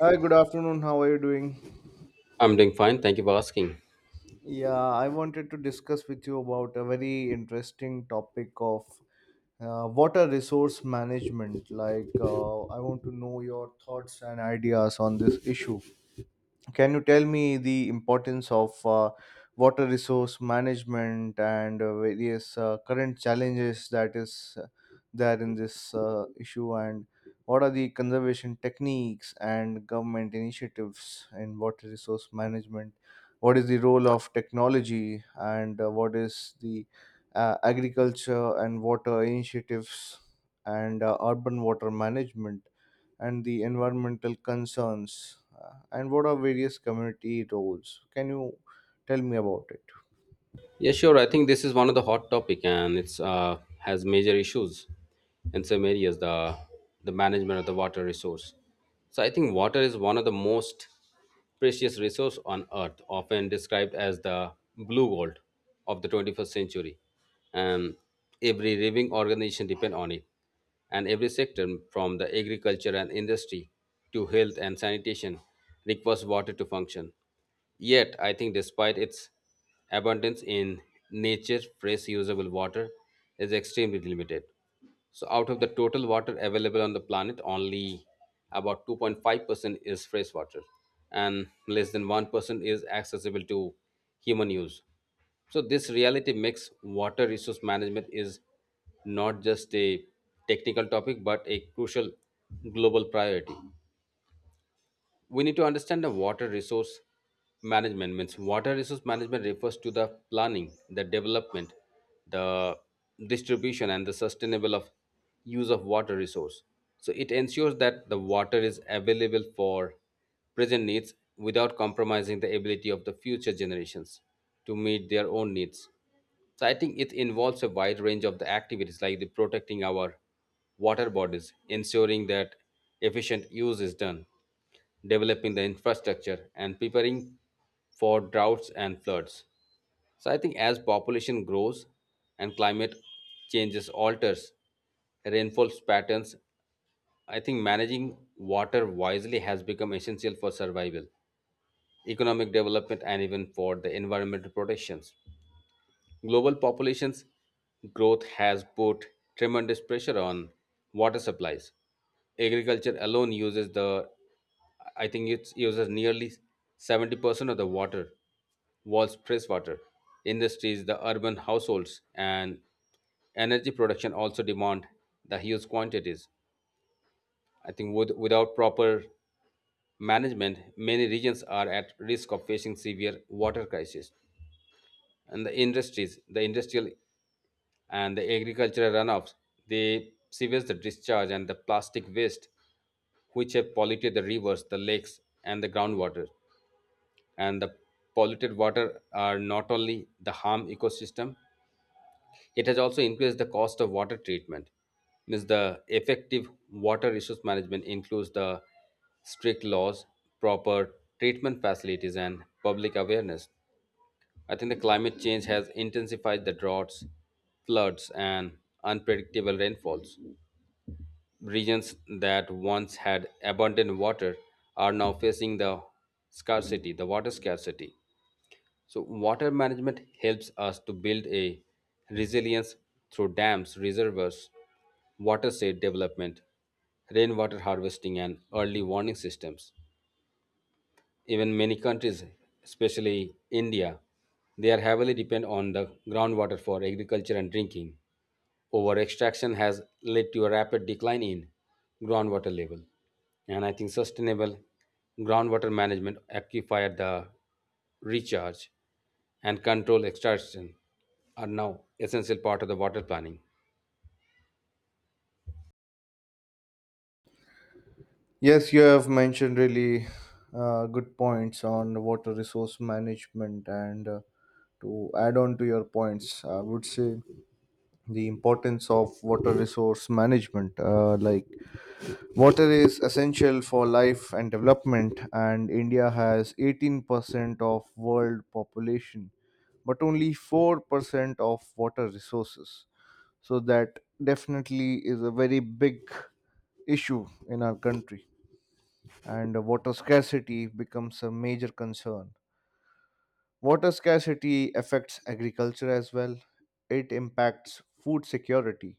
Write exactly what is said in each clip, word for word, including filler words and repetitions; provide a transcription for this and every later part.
Hi, good afternoon. How are you doing? I'm doing fine. Thank you for asking. Yeah, I wanted to discuss with you about a very interesting topic of uh, water resource management. Like, uh, I want to know your thoughts and ideas on this issue. Can you tell me the importance of uh, water resource management and uh, various uh, current challenges that is uh, there in this uh, issue, and what are the conservation techniques and government initiatives in water resource management? What is the role of technology, and uh, what is the uh, agriculture and water initiatives and uh, urban water management? And the environmental concerns, uh, and what are various community roles? Can you tell me about it? Yeah, sure. I think this is one of the hot topic, and it's uh, has major issues in some areas. The the management of the water resource. So I think water is one of the most precious resource on earth, often described as the blue gold of the twenty-first century, and every living organization depend on it, and every sector from the agriculture and industry to health and sanitation requires water to function. Yet, I think despite its abundance in nature, fresh usable water is extremely limited. So, out of the total water available on the planet, only about two point five percent is fresh water, and less than one percent is accessible to human use. So, this reality makes water resource management is not just a technical topic but a crucial global priority. We need to understand the water resource management means water resource management refers to the planning, the development, the distribution, and the sustainable of use of water resource. So it ensures that the water is available for present needs without compromising the ability of the future generations to meet their own needs. So I think it involves a wide range of the activities like the protecting our water bodies, ensuring that efficient use is done, developing the infrastructure, and preparing for droughts and floods. So I think as population grows and climate changes alters rainfall patterns, I think managing water wisely has become essential for survival, economic development, and even for the environmental protections. Global populations growth has put tremendous pressure on water supplies. Agriculture alone uses the, I think it uses nearly seventy percent of the water, world's freshwater. Industries, the urban households, and energy production also demand the huge quantities. I think with, without proper management, many regions are at risk of facing severe water crisis. And the industries, the industrial and the agricultural runoffs, the sewage discharge, and the plastic waste, which have polluted the rivers, the lakes, and the groundwater. And the polluted water are not only the harm ecosystem, it has also increased the cost of water treatment. Means the effective water resource management includes the strict laws, proper treatment facilities, and public awareness. I think the climate change has intensified the droughts, floods, and unpredictable rainfalls. Regions that once had abundant water are now facing the scarcity, the water scarcity. So, water management helps us to build a resilience through dams, reservoirs, watershed development, rainwater harvesting, and early warning systems. Even many countries, especially India, they are heavily depend on the groundwater for agriculture and drinking. Over extraction has led to a rapid decline in groundwater level. And I think sustainable groundwater management, aquifer the recharge, and control extraction are now essential part of the water planning. Yes, you have mentioned really uh, good points on water resource management, and uh, to add on to your points, I would say the importance of water resource management, uh, like, water is essential for life and development, and India has eighteen percent of world population but only four percent of water resources. So that definitely is a very big issue in our country, and water scarcity becomes a major concern. Water scarcity affects agriculture as well. It impacts food security.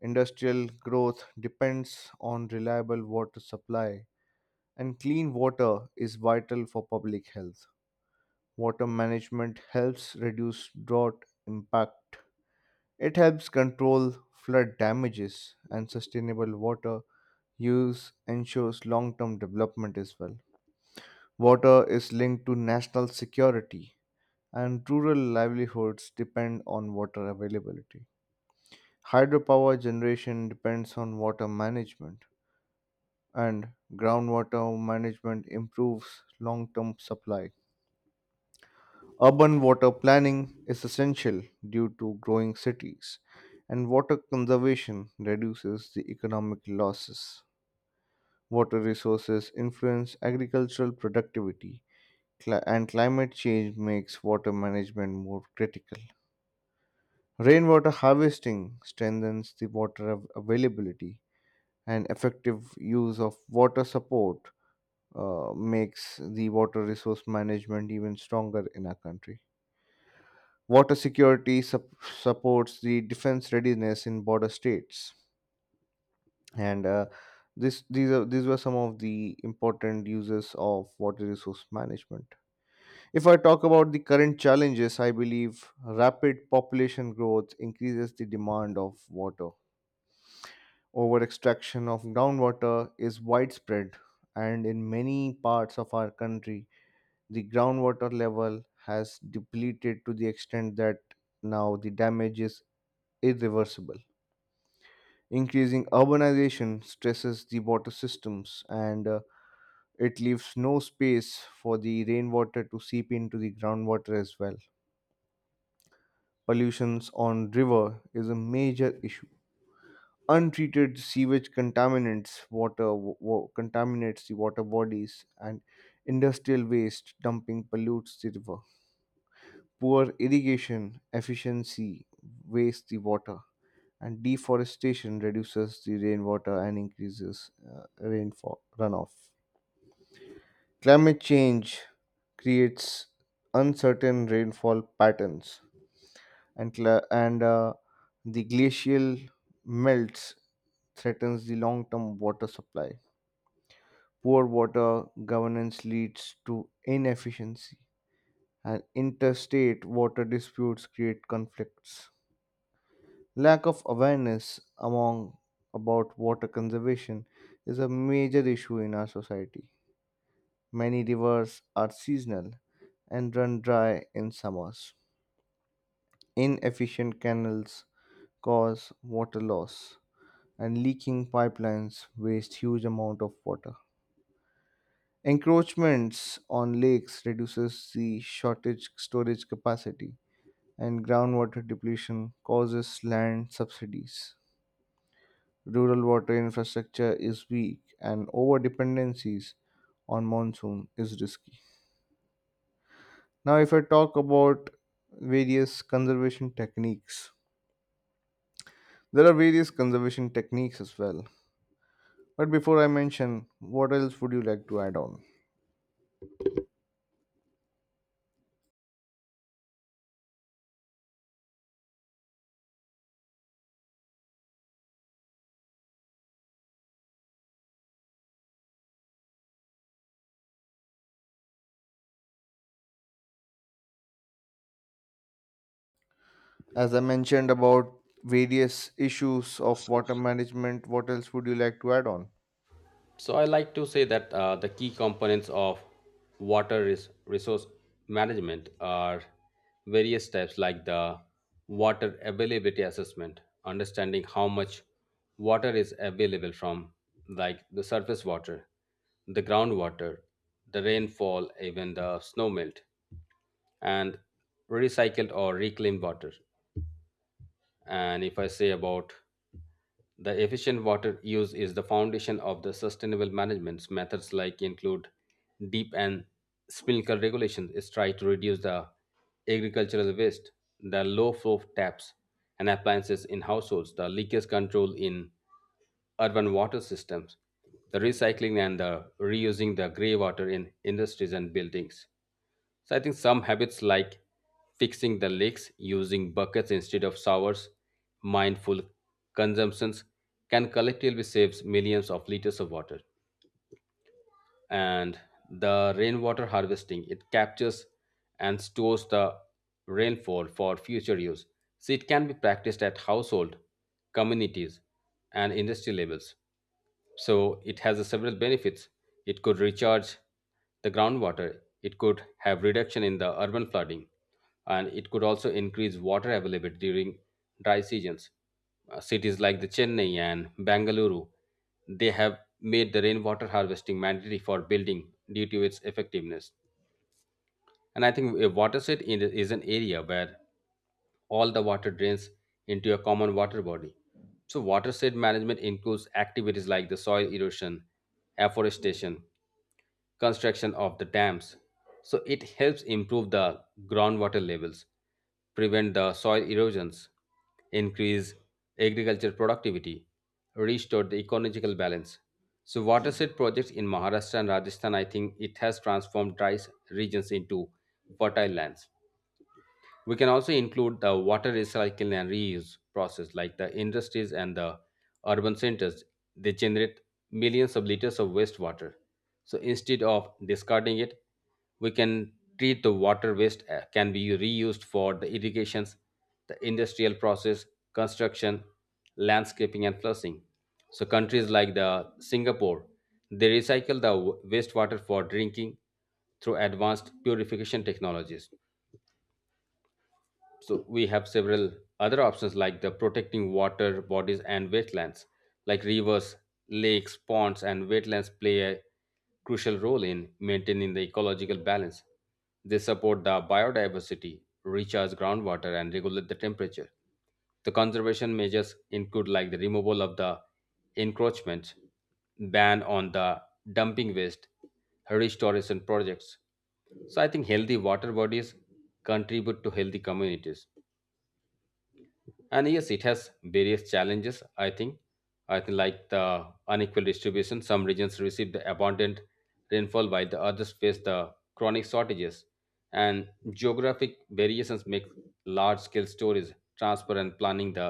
Industrial growth depends on reliable water supply, and clean water is vital for public health. Water management helps reduce drought impact. It helps control flood damages, and sustainable water use ensures long-term development as well. Water is linked to national security, and rural livelihoods depend on water availability. Hydropower generation depends on water management, and groundwater management improves long-term supply. Urban water planning is essential due to growing cities, and water conservation reduces the economic losses. Water resources influence agricultural productivity, cli- and climate change makes water management more critical. Rainwater harvesting strengthens the water av- availability, and effective use of water support uh, makes the water resource management even stronger in our country. Water security sup- supports the defense readiness in border states, and uh, this these are these were some of the important uses of water resource management. If I talk about the current challenges, I believe rapid population growth increases the demand of water. Over extraction of groundwater is widespread, and in many parts of our country, the groundwater level has depleted to the extent that now the damage is irreversible. Increasing urbanization stresses the water systems, and uh, it leaves no space for the rainwater to seep into the groundwater as well. Pollutions on river is a major issue. Untreated sewage contaminants water wa- wa- contaminates the water bodies, and industrial waste dumping pollutes the river. Poor irrigation efficiency wastes the water, and deforestation reduces the rainwater and increases uh, rainfall runoff. Climate change creates uncertain rainfall patterns, and cla and uh, the glacial melts threatens the long-term water supply. Poor water governance leads to inefficiency, and interstate water disputes create conflicts. Lack of awareness among about water conservation is a major issue in our society. Many rivers are seasonal and run dry in summers. Inefficient canals cause water loss, and leaking pipelines waste huge amount of water. Encroachments on lakes reduces the shortage storage capacity, and groundwater depletion causes land subsidies. Rural water infrastructure is weak, and over dependencies on monsoon is risky. Now, if I talk about various conservation techniques, there are various conservation techniques as well. But before I mention, what else would you like to add on? As I mentioned about various issues of water management, what else would you like to add on? So I like to say that uh, the key components of water res- resource management are various steps like the water availability assessment, understanding how much water is available from like the surface water, the groundwater, the rainfall, even the snow melt, and recycled or reclaimed water. And if I say about the efficient water use is the foundation of the sustainable management. Methods like include deep and sprinkler regulations is try to reduce the agricultural waste, the low flow taps and appliances in households, the leakage control in urban water systems, the recycling and the reusing the grey water in industries and buildings. So I think some habits like fixing the leaks, using buckets instead of showers, mindful consumptions can collectively save millions of liters of water. And the rainwater harvesting it captures and stores the rainfall for future use, so it can be practiced at household, communities, and industry levels. So it has a several benefits. It could recharge the groundwater, it could have reduction in the urban flooding, and it could also increase water availability during dry seasons. Uh, cities like the chennai and Bangalore. They have made the rainwater harvesting mandatory for building due to its effectiveness. And I think a watershed in- is an area where all the water drains into a common water body. So, watershed management includes activities like the soil erosion, afforestation, construction of the dams. So it helps improve the groundwater levels, prevent the soil erosions, increase agriculture productivity, restore the ecological balance. So watershed projects in Maharashtra and Rajasthan, I think it has transformed dry regions into fertile lands. We can also include the water recycling and reuse process, like the industries and the urban centers. They generate millions of liters of wastewater. So instead of discarding it, we can treat the water waste uh, can be reused for the irrigations, the industrial process, construction, landscaping, and flushing. So countries like the Singapore, they recycle the w- wastewater for drinking through advanced purification technologies. So we have several other options like the protecting water bodies and wetlands, like rivers, lakes, ponds, and wetlands play a crucial role in maintaining the ecological balance. They support the biodiversity, recharge groundwater, and regulate the temperature. The conservation measures include like the removal of the encroachments, ban on the dumping waste, restoration projects. So I think healthy water bodies contribute to healthy communities, and yes it has various challenges. I think i think like the unequal distribution, some regions receive the abundant rainfall while the others face the chronic shortages, and geographic variations make large scale storage transfer and planning the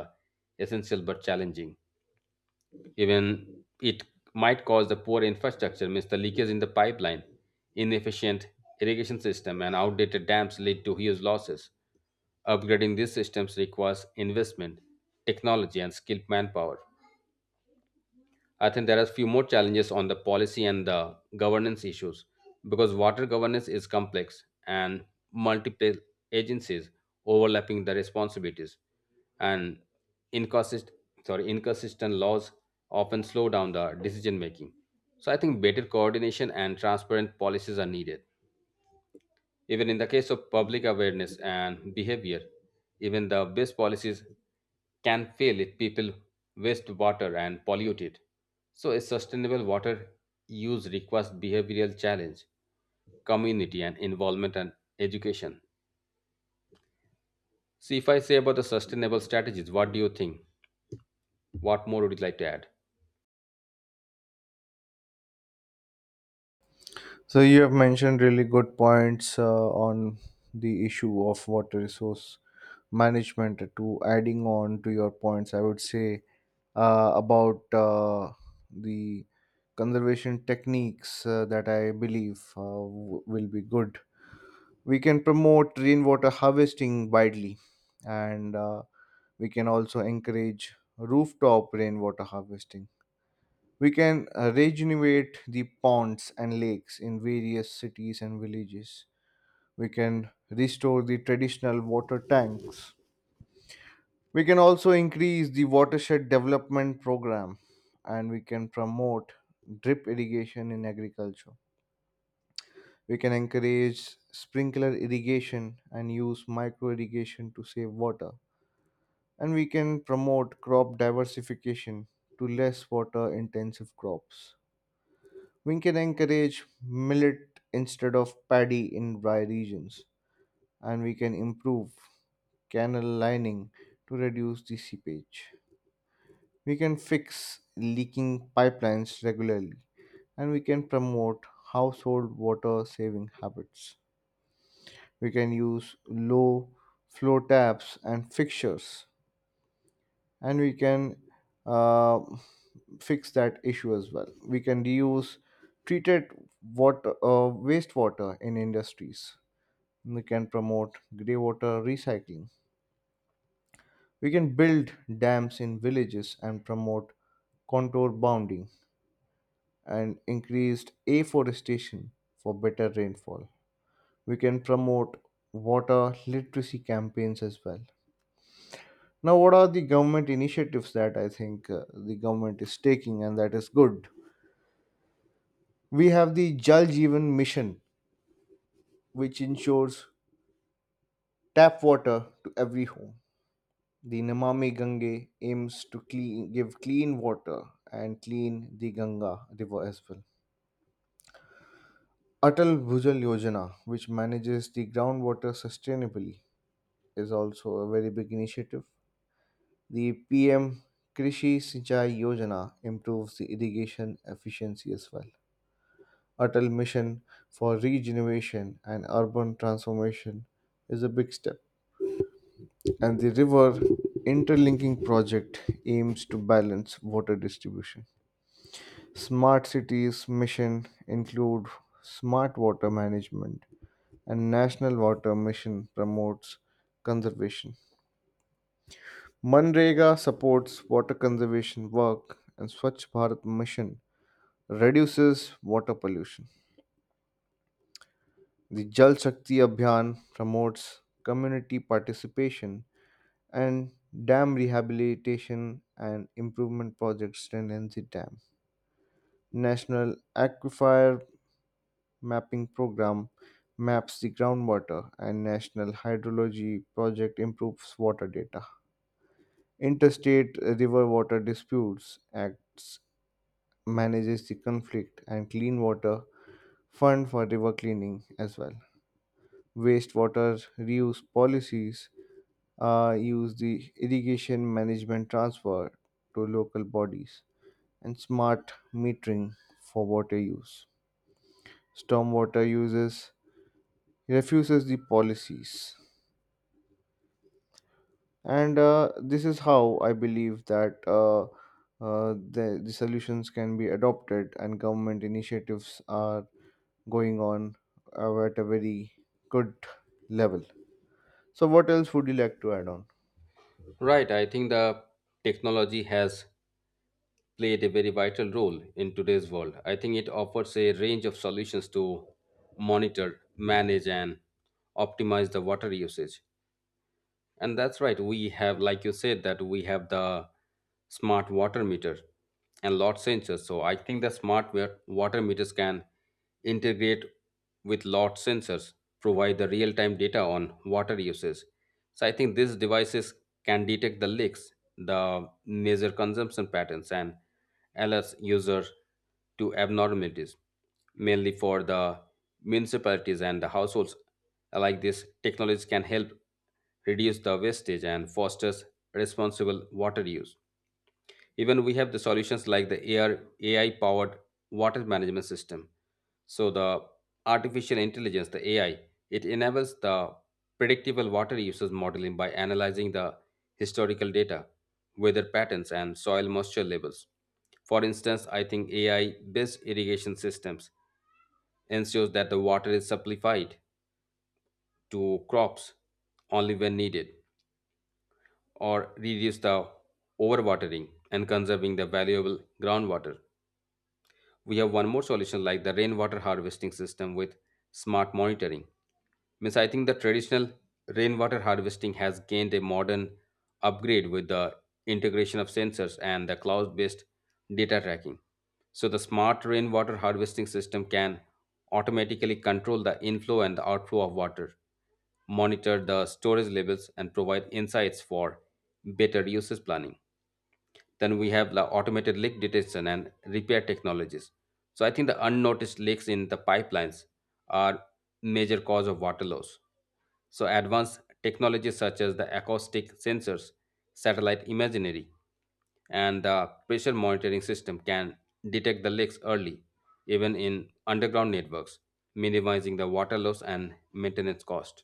essential but challenging. Even it might cause the poor infrastructure, means the leakage in the pipeline, inefficient irrigation system, and outdated dams lead to huge losses. Upgrading these systems requires investment, technology, and skilled manpower. I think there are few more challenges on the policy and the governance issues because water governance is complex and multiple agencies overlapping the responsibilities and inconsist- sorry, inconsistent laws often slow down the decision making. So I think better coordination and transparent policies are needed. Even in the case of public awareness and behavior, even the best policies can fail if people waste water and pollute it. So, a sustainable water use requires behavioral challenge, community and involvement, and education. See, if I say about the sustainable strategies, what do you think? What more would you like to add? So, you have mentioned really good points uh, on the issue of water resource management. To adding on to your points, I would say uh, about uh, the conservation techniques uh, that I believe uh, w- will be good. We can promote rainwater harvesting widely, and uh, we can also encourage rooftop rainwater harvesting. We can uh, regenerate the ponds and lakes in various cities and villages. We can restore the traditional water tanks. We can also increase the watershed development program, and we can promote drip irrigation in agriculture. We can encourage sprinkler irrigation and use micro irrigation to save water. And we can promote crop diversification to less water intensive crops. We can encourage millet instead of paddy in dry regions. And we can improve canal lining to reduce the seepage. We can fix leaking pipelines regularly, and we can promote household water saving habits. We can use low flow taps and fixtures, and we can uh, fix that issue as well. We can reuse treated water, uh, wastewater in industries. We can promote grey water recycling. We can build dams in villages and promote contour bounding, and increased afforestation for better rainfall. We can promote water literacy campaigns as well. Now, what are the government initiatives that I think uh, the government is taking and that is good? We have the Jal Jeevan Mission, which ensures tap water to every home. The Namami Gange aims to clean, give clean water and clean the Ganga river as well. Atal Bhujal Yojana, which manages the groundwater sustainably, is also a very big initiative. The P M Krishi Sinchai Yojana improves the irrigation efficiency as well. Atal Mission for Regeneration and Urban Transformation is a big step. And the river interlinking project aims to balance water distribution. Smart Cities mission include smart water management, and National Water Mission promotes conservation. MNREGA supports water conservation work, and Swachh Bharat mission reduces water pollution. The Jal Shakti Abhiyan promotes community participation, and dam rehabilitation and improvement projects strengthen the dam. National Aquifer Mapping Program maps the groundwater, and National Hydrology Project improves water data. Interstate River Water Disputes Acts manages the conflict, and clean water fund for river cleaning as well. Wastewater reuse policies uh, use the irrigation management transfer to local bodies, and smart metering for water use. Stormwater uses refuses the policies, and uh, this is how I believe that uh, uh, the, the solutions can be adopted, and government initiatives are going on uh, at a very good level. So, what else would you like to add on? Right, I think the technology has played a very vital role in today's world. I think it offers a range of solutions to monitor, manage, and optimize the water usage. And that's right. We have, like you said, that we have the smart water meter and lot sensors. So I think the smart wa- water meters can integrate with lot sensors, provide the real-time data on water uses. So I think these devices can detect the leaks, the measure consumption patterns, and alert users to abnormalities, mainly for the municipalities and the households. Like this, technology can help reduce the wastage, and fosters responsible water use. Even we have the solutions like the A I powered water management system. So the artificial intelligence, the A I, it enables the predictable water usage modeling by analyzing the historical data, weather patterns, and soil moisture levels. For instance, I think A I-based irrigation systems ensures that the water is supplied to crops only when needed, or reduce the overwatering and conserving the valuable groundwater. We have one more solution like the rainwater harvesting system with smart monitoring. Means I think the traditional rainwater harvesting has gained a modern upgrade with the integration of sensors and the cloud-based data tracking. So the smart rainwater harvesting system can automatically control the inflow and the outflow of water, monitor the storage levels, and provide insights for better usage planning. Then we have the automated leak detection and repair technologies. So I think the unnoticed leaks in the pipelines are major cause of water loss. So, advanced technologies such as the acoustic sensors, satellite imagery, and the pressure monitoring system can detect the leaks early, even in underground networks, minimizing the water loss and maintenance cost.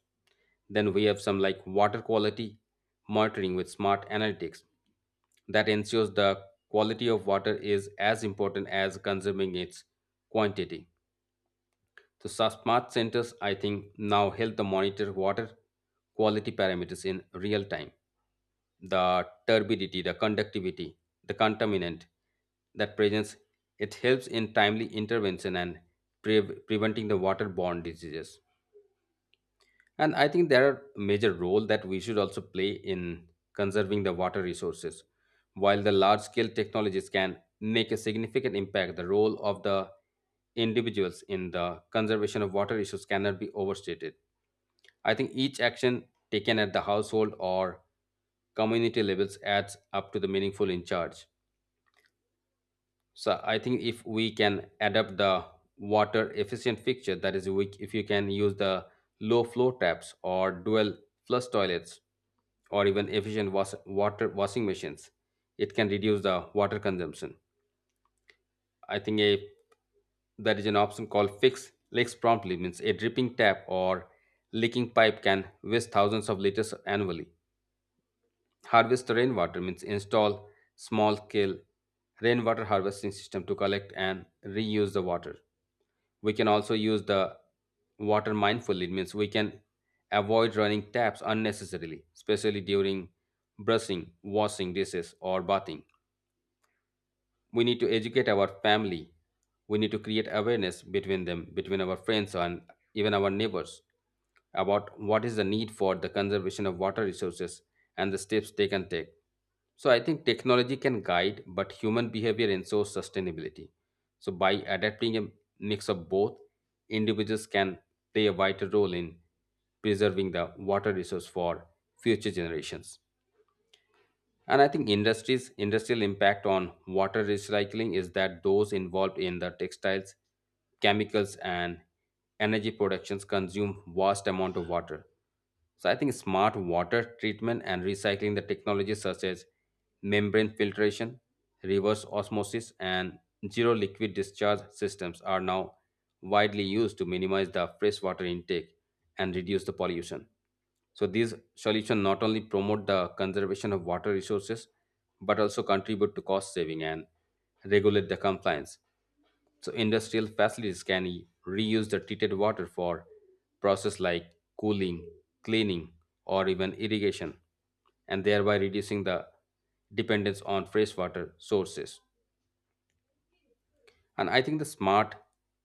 Then we have some like water quality monitoring with smart analytics that ensures the quality of water is as important as conserving its quantity. So so smart centers, I think, now help to monitor water quality parameters in real time. The turbidity, the conductivity, the contaminant that presence, it helps in timely intervention and pre- preventing the waterborne diseases. And I think there are major role that we should also play in conserving the water resources. While the large scale technologies can make a significant impact, the role of the individuals in the conservation of water issues cannot be overstated. I think each action taken at the household or community levels adds up to the meaningful in charge. So I think if we can adapt the water efficient fixture, that is, we, if you can use the low flow taps or dual flush toilets or even efficient was, water washing machines, it can reduce the water consumption. I think a that is an option called fix leaks promptly means a dripping tap or leaking pipe can waste thousands of liters annually. Harvest rainwater means install small scale rainwater harvesting system to collect and reuse the water. We can also use the water mindfully. It means we can avoid running taps unnecessarily, especially during brushing, washing dishes, or bathing. We need to educate our family. We need to create awareness between them, between our friends and even our neighbors, about what is the need for the conservation of water resources and the steps they can take. So I think technology can guide, but human behavior ensures sustainability. So by adapting a mix of both, individuals can play a vital role in preserving the water resource for future generations. And I think industries industrial impact on water recycling is that those involved in the textiles, chemicals and energy productions consume vast amount of water. So I think smart water treatment and recycling the technologies such as membrane filtration, reverse osmosis, and zero liquid discharge systems are now widely used to minimize the freshwater intake and reduce the pollution. So these solutions not only promote the conservation of water resources but also contribute to cost saving and regulate the compliance. So industrial facilities can e- reuse the treated water for processes like cooling, cleaning, or even irrigation, and thereby reducing the dependence on freshwater sources. And I think the smart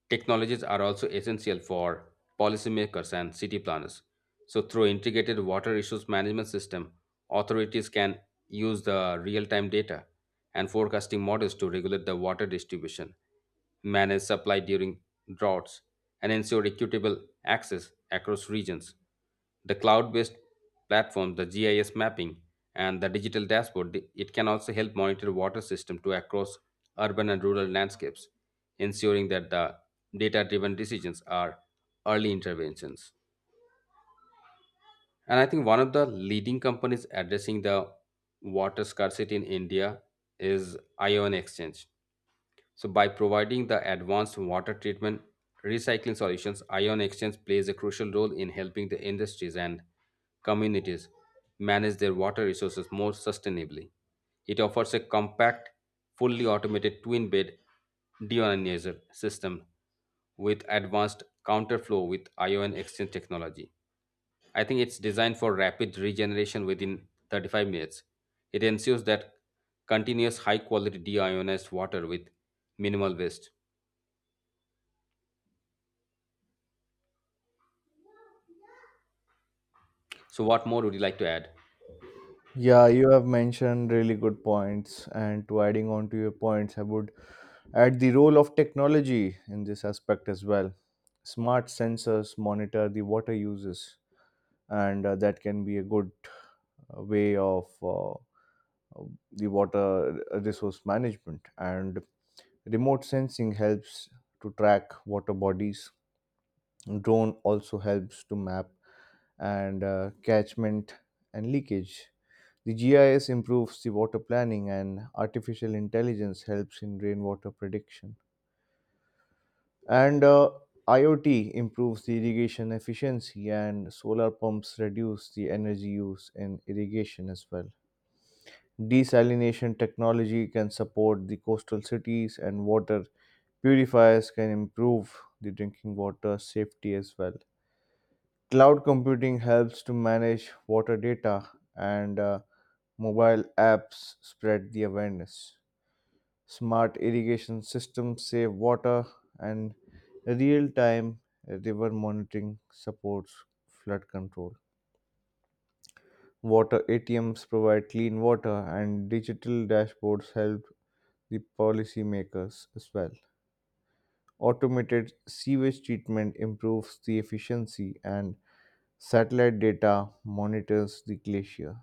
technologies are also essential for policymakers and city planners. So through integrated water issues management system, authorities can use the real-time data and forecasting models to regulate the water distribution, manage supply during droughts, and ensure equitable access across regions. The cloud based platform, the G I S mapping, and the digital dashboard, th- it can also help monitor water system to across urban and rural landscapes, ensuring that the data driven decisions are early interventions. And I think one of the leading companies addressing the water scarcity in India is Ion Exchange. So, by providing the advanced water treatment recycling solutions, ion exchange plays a crucial role in helping the industries and communities manage their water resources more sustainably. It offers a compact, fully automated twin bed deioninizer system with advanced counterflow with ion exchange technology. I think it's designed for rapid regeneration within thirty-five minutes. It ensures that continuous high quality deionized water with minimal waste. So, what more would you like to add? Yeah, you have mentioned really good points, and to adding on to your points, I would add the role of technology in this aspect as well. Smart sensors monitor the water uses, and uh, that can be a good uh, way of uh, the water resource management. And remote sensing helps to track water bodies. Drone also helps to map and uh, catchment and leakage. The G I S improves the water planning, and artificial intelligence helps in rainwater prediction. And uh, IoT improves the irrigation efficiency, and solar pumps reduce the energy use in irrigation as well. Desalination technology can support the coastal cities, and water purifiers can improve the drinking water safety as well. Cloud computing helps to manage water data, and uh, mobile apps spread the awareness. Smart irrigation systems save water, and real time river monitoring supports flood control. Water A T Ms provide clean water, and digital dashboards help the policymakers as well. Automated sewage treatment improves the efficiency, and satellite data monitors the glacier.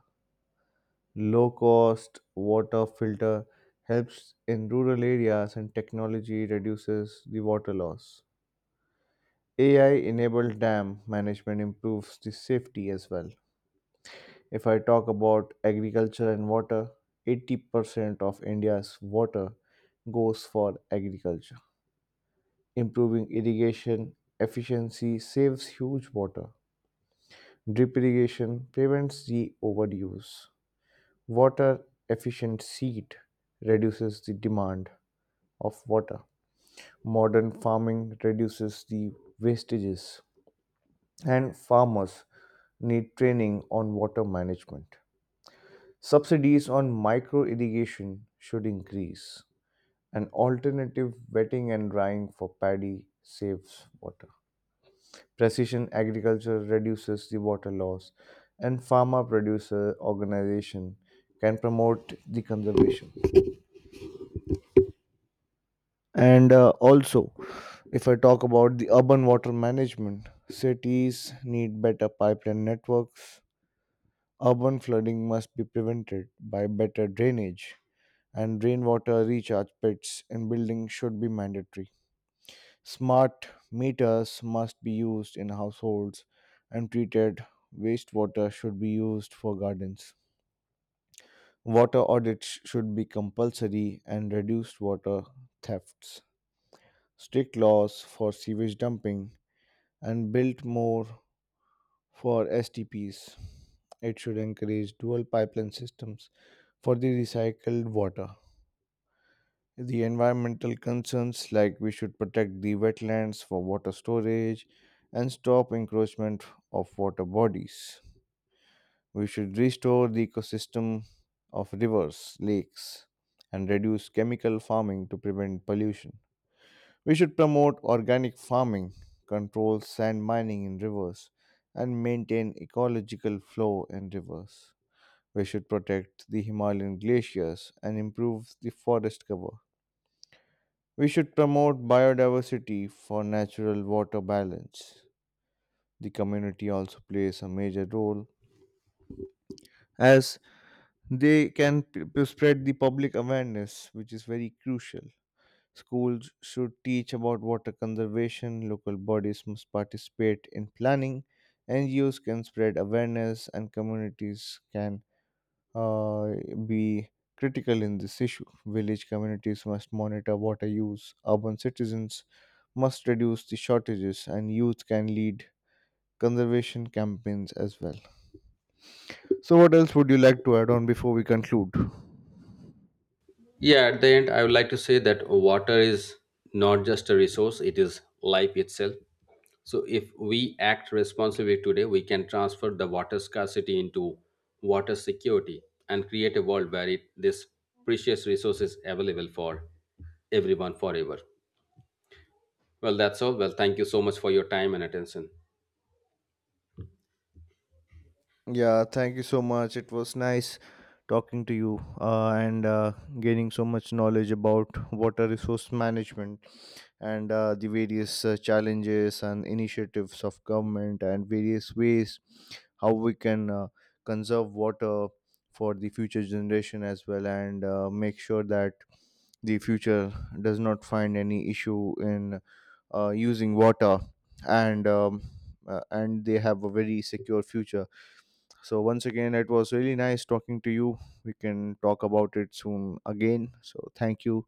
Low cost water filter helps in rural areas, and technology reduces the water loss. A I enabled dam management improves the safety as well. If I talk about agriculture and water, eighty percent of India's water goes for agriculture. Improving irrigation efficiency saves huge water. Drip irrigation prevents the overuse. Water efficient seed reduces the demand of water. Modern farming reduces the wastages, and farmers need training on water management. Subsidies on micro irrigation should increase. An alternative wetting and drying for paddy saves water. Precision agriculture reduces the water loss, and farmer producer organization can promote the conservation. And uh, also, if I talk about the urban water management, cities need better pipeline networks. Urban flooding must be prevented by better drainage, and rainwater recharge pits in buildings should be mandatory. Smart meters must be used in households, and treated wastewater should be used for gardens. Water audits should be compulsory and reduce water thefts. Strict laws for sewage dumping and built more for S T Ps. It should encourage dual pipeline systems for the recycled water. The environmental concerns, like we should protect the wetlands for water storage and stop encroachment of water bodies. We should restore the ecosystem of rivers, lakes, and reduce chemical farming to prevent pollution. We should promote organic farming, control sand mining in rivers, and maintain ecological flow in rivers. We should protect the Himalayan glaciers and improve the forest cover. We should promote biodiversity for natural water balance. The community also plays a major role, as they can p- p- spread the public awareness, which is very crucial. Schools should teach about water conservation, local bodies must participate in planning, N G Os can spread awareness, and communities can uh, be critical in this issue. Village communities must monitor water use, urban citizens must reduce the shortages, and youth can lead conservation campaigns as well. So, what else would you like to add on before we conclude? Yeah, at the end, I would like to say that water is not just a resource, it is life itself. So, if we act responsibly today, we can transfer the water scarcity into water security and create a world where it, this precious resource is available for everyone forever. Well, that's all. Well, thank you so much for your time and attention. Yeah, thank you so much. It was nice talking to you, uh, and uh, gaining so much knowledge about water resource management, and uh, the various uh, challenges and initiatives of government, and various ways how we can uh, conserve water for the future generation as well, and uh, make sure that the future does not find any issue in uh, using water, and um, uh, and they have a very secure future. So once again, it was really nice talking to you. We can talk about it soon again, so thank you,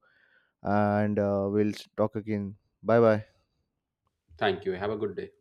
and uh, we'll talk again. Bye bye. Thank you. Have a good day.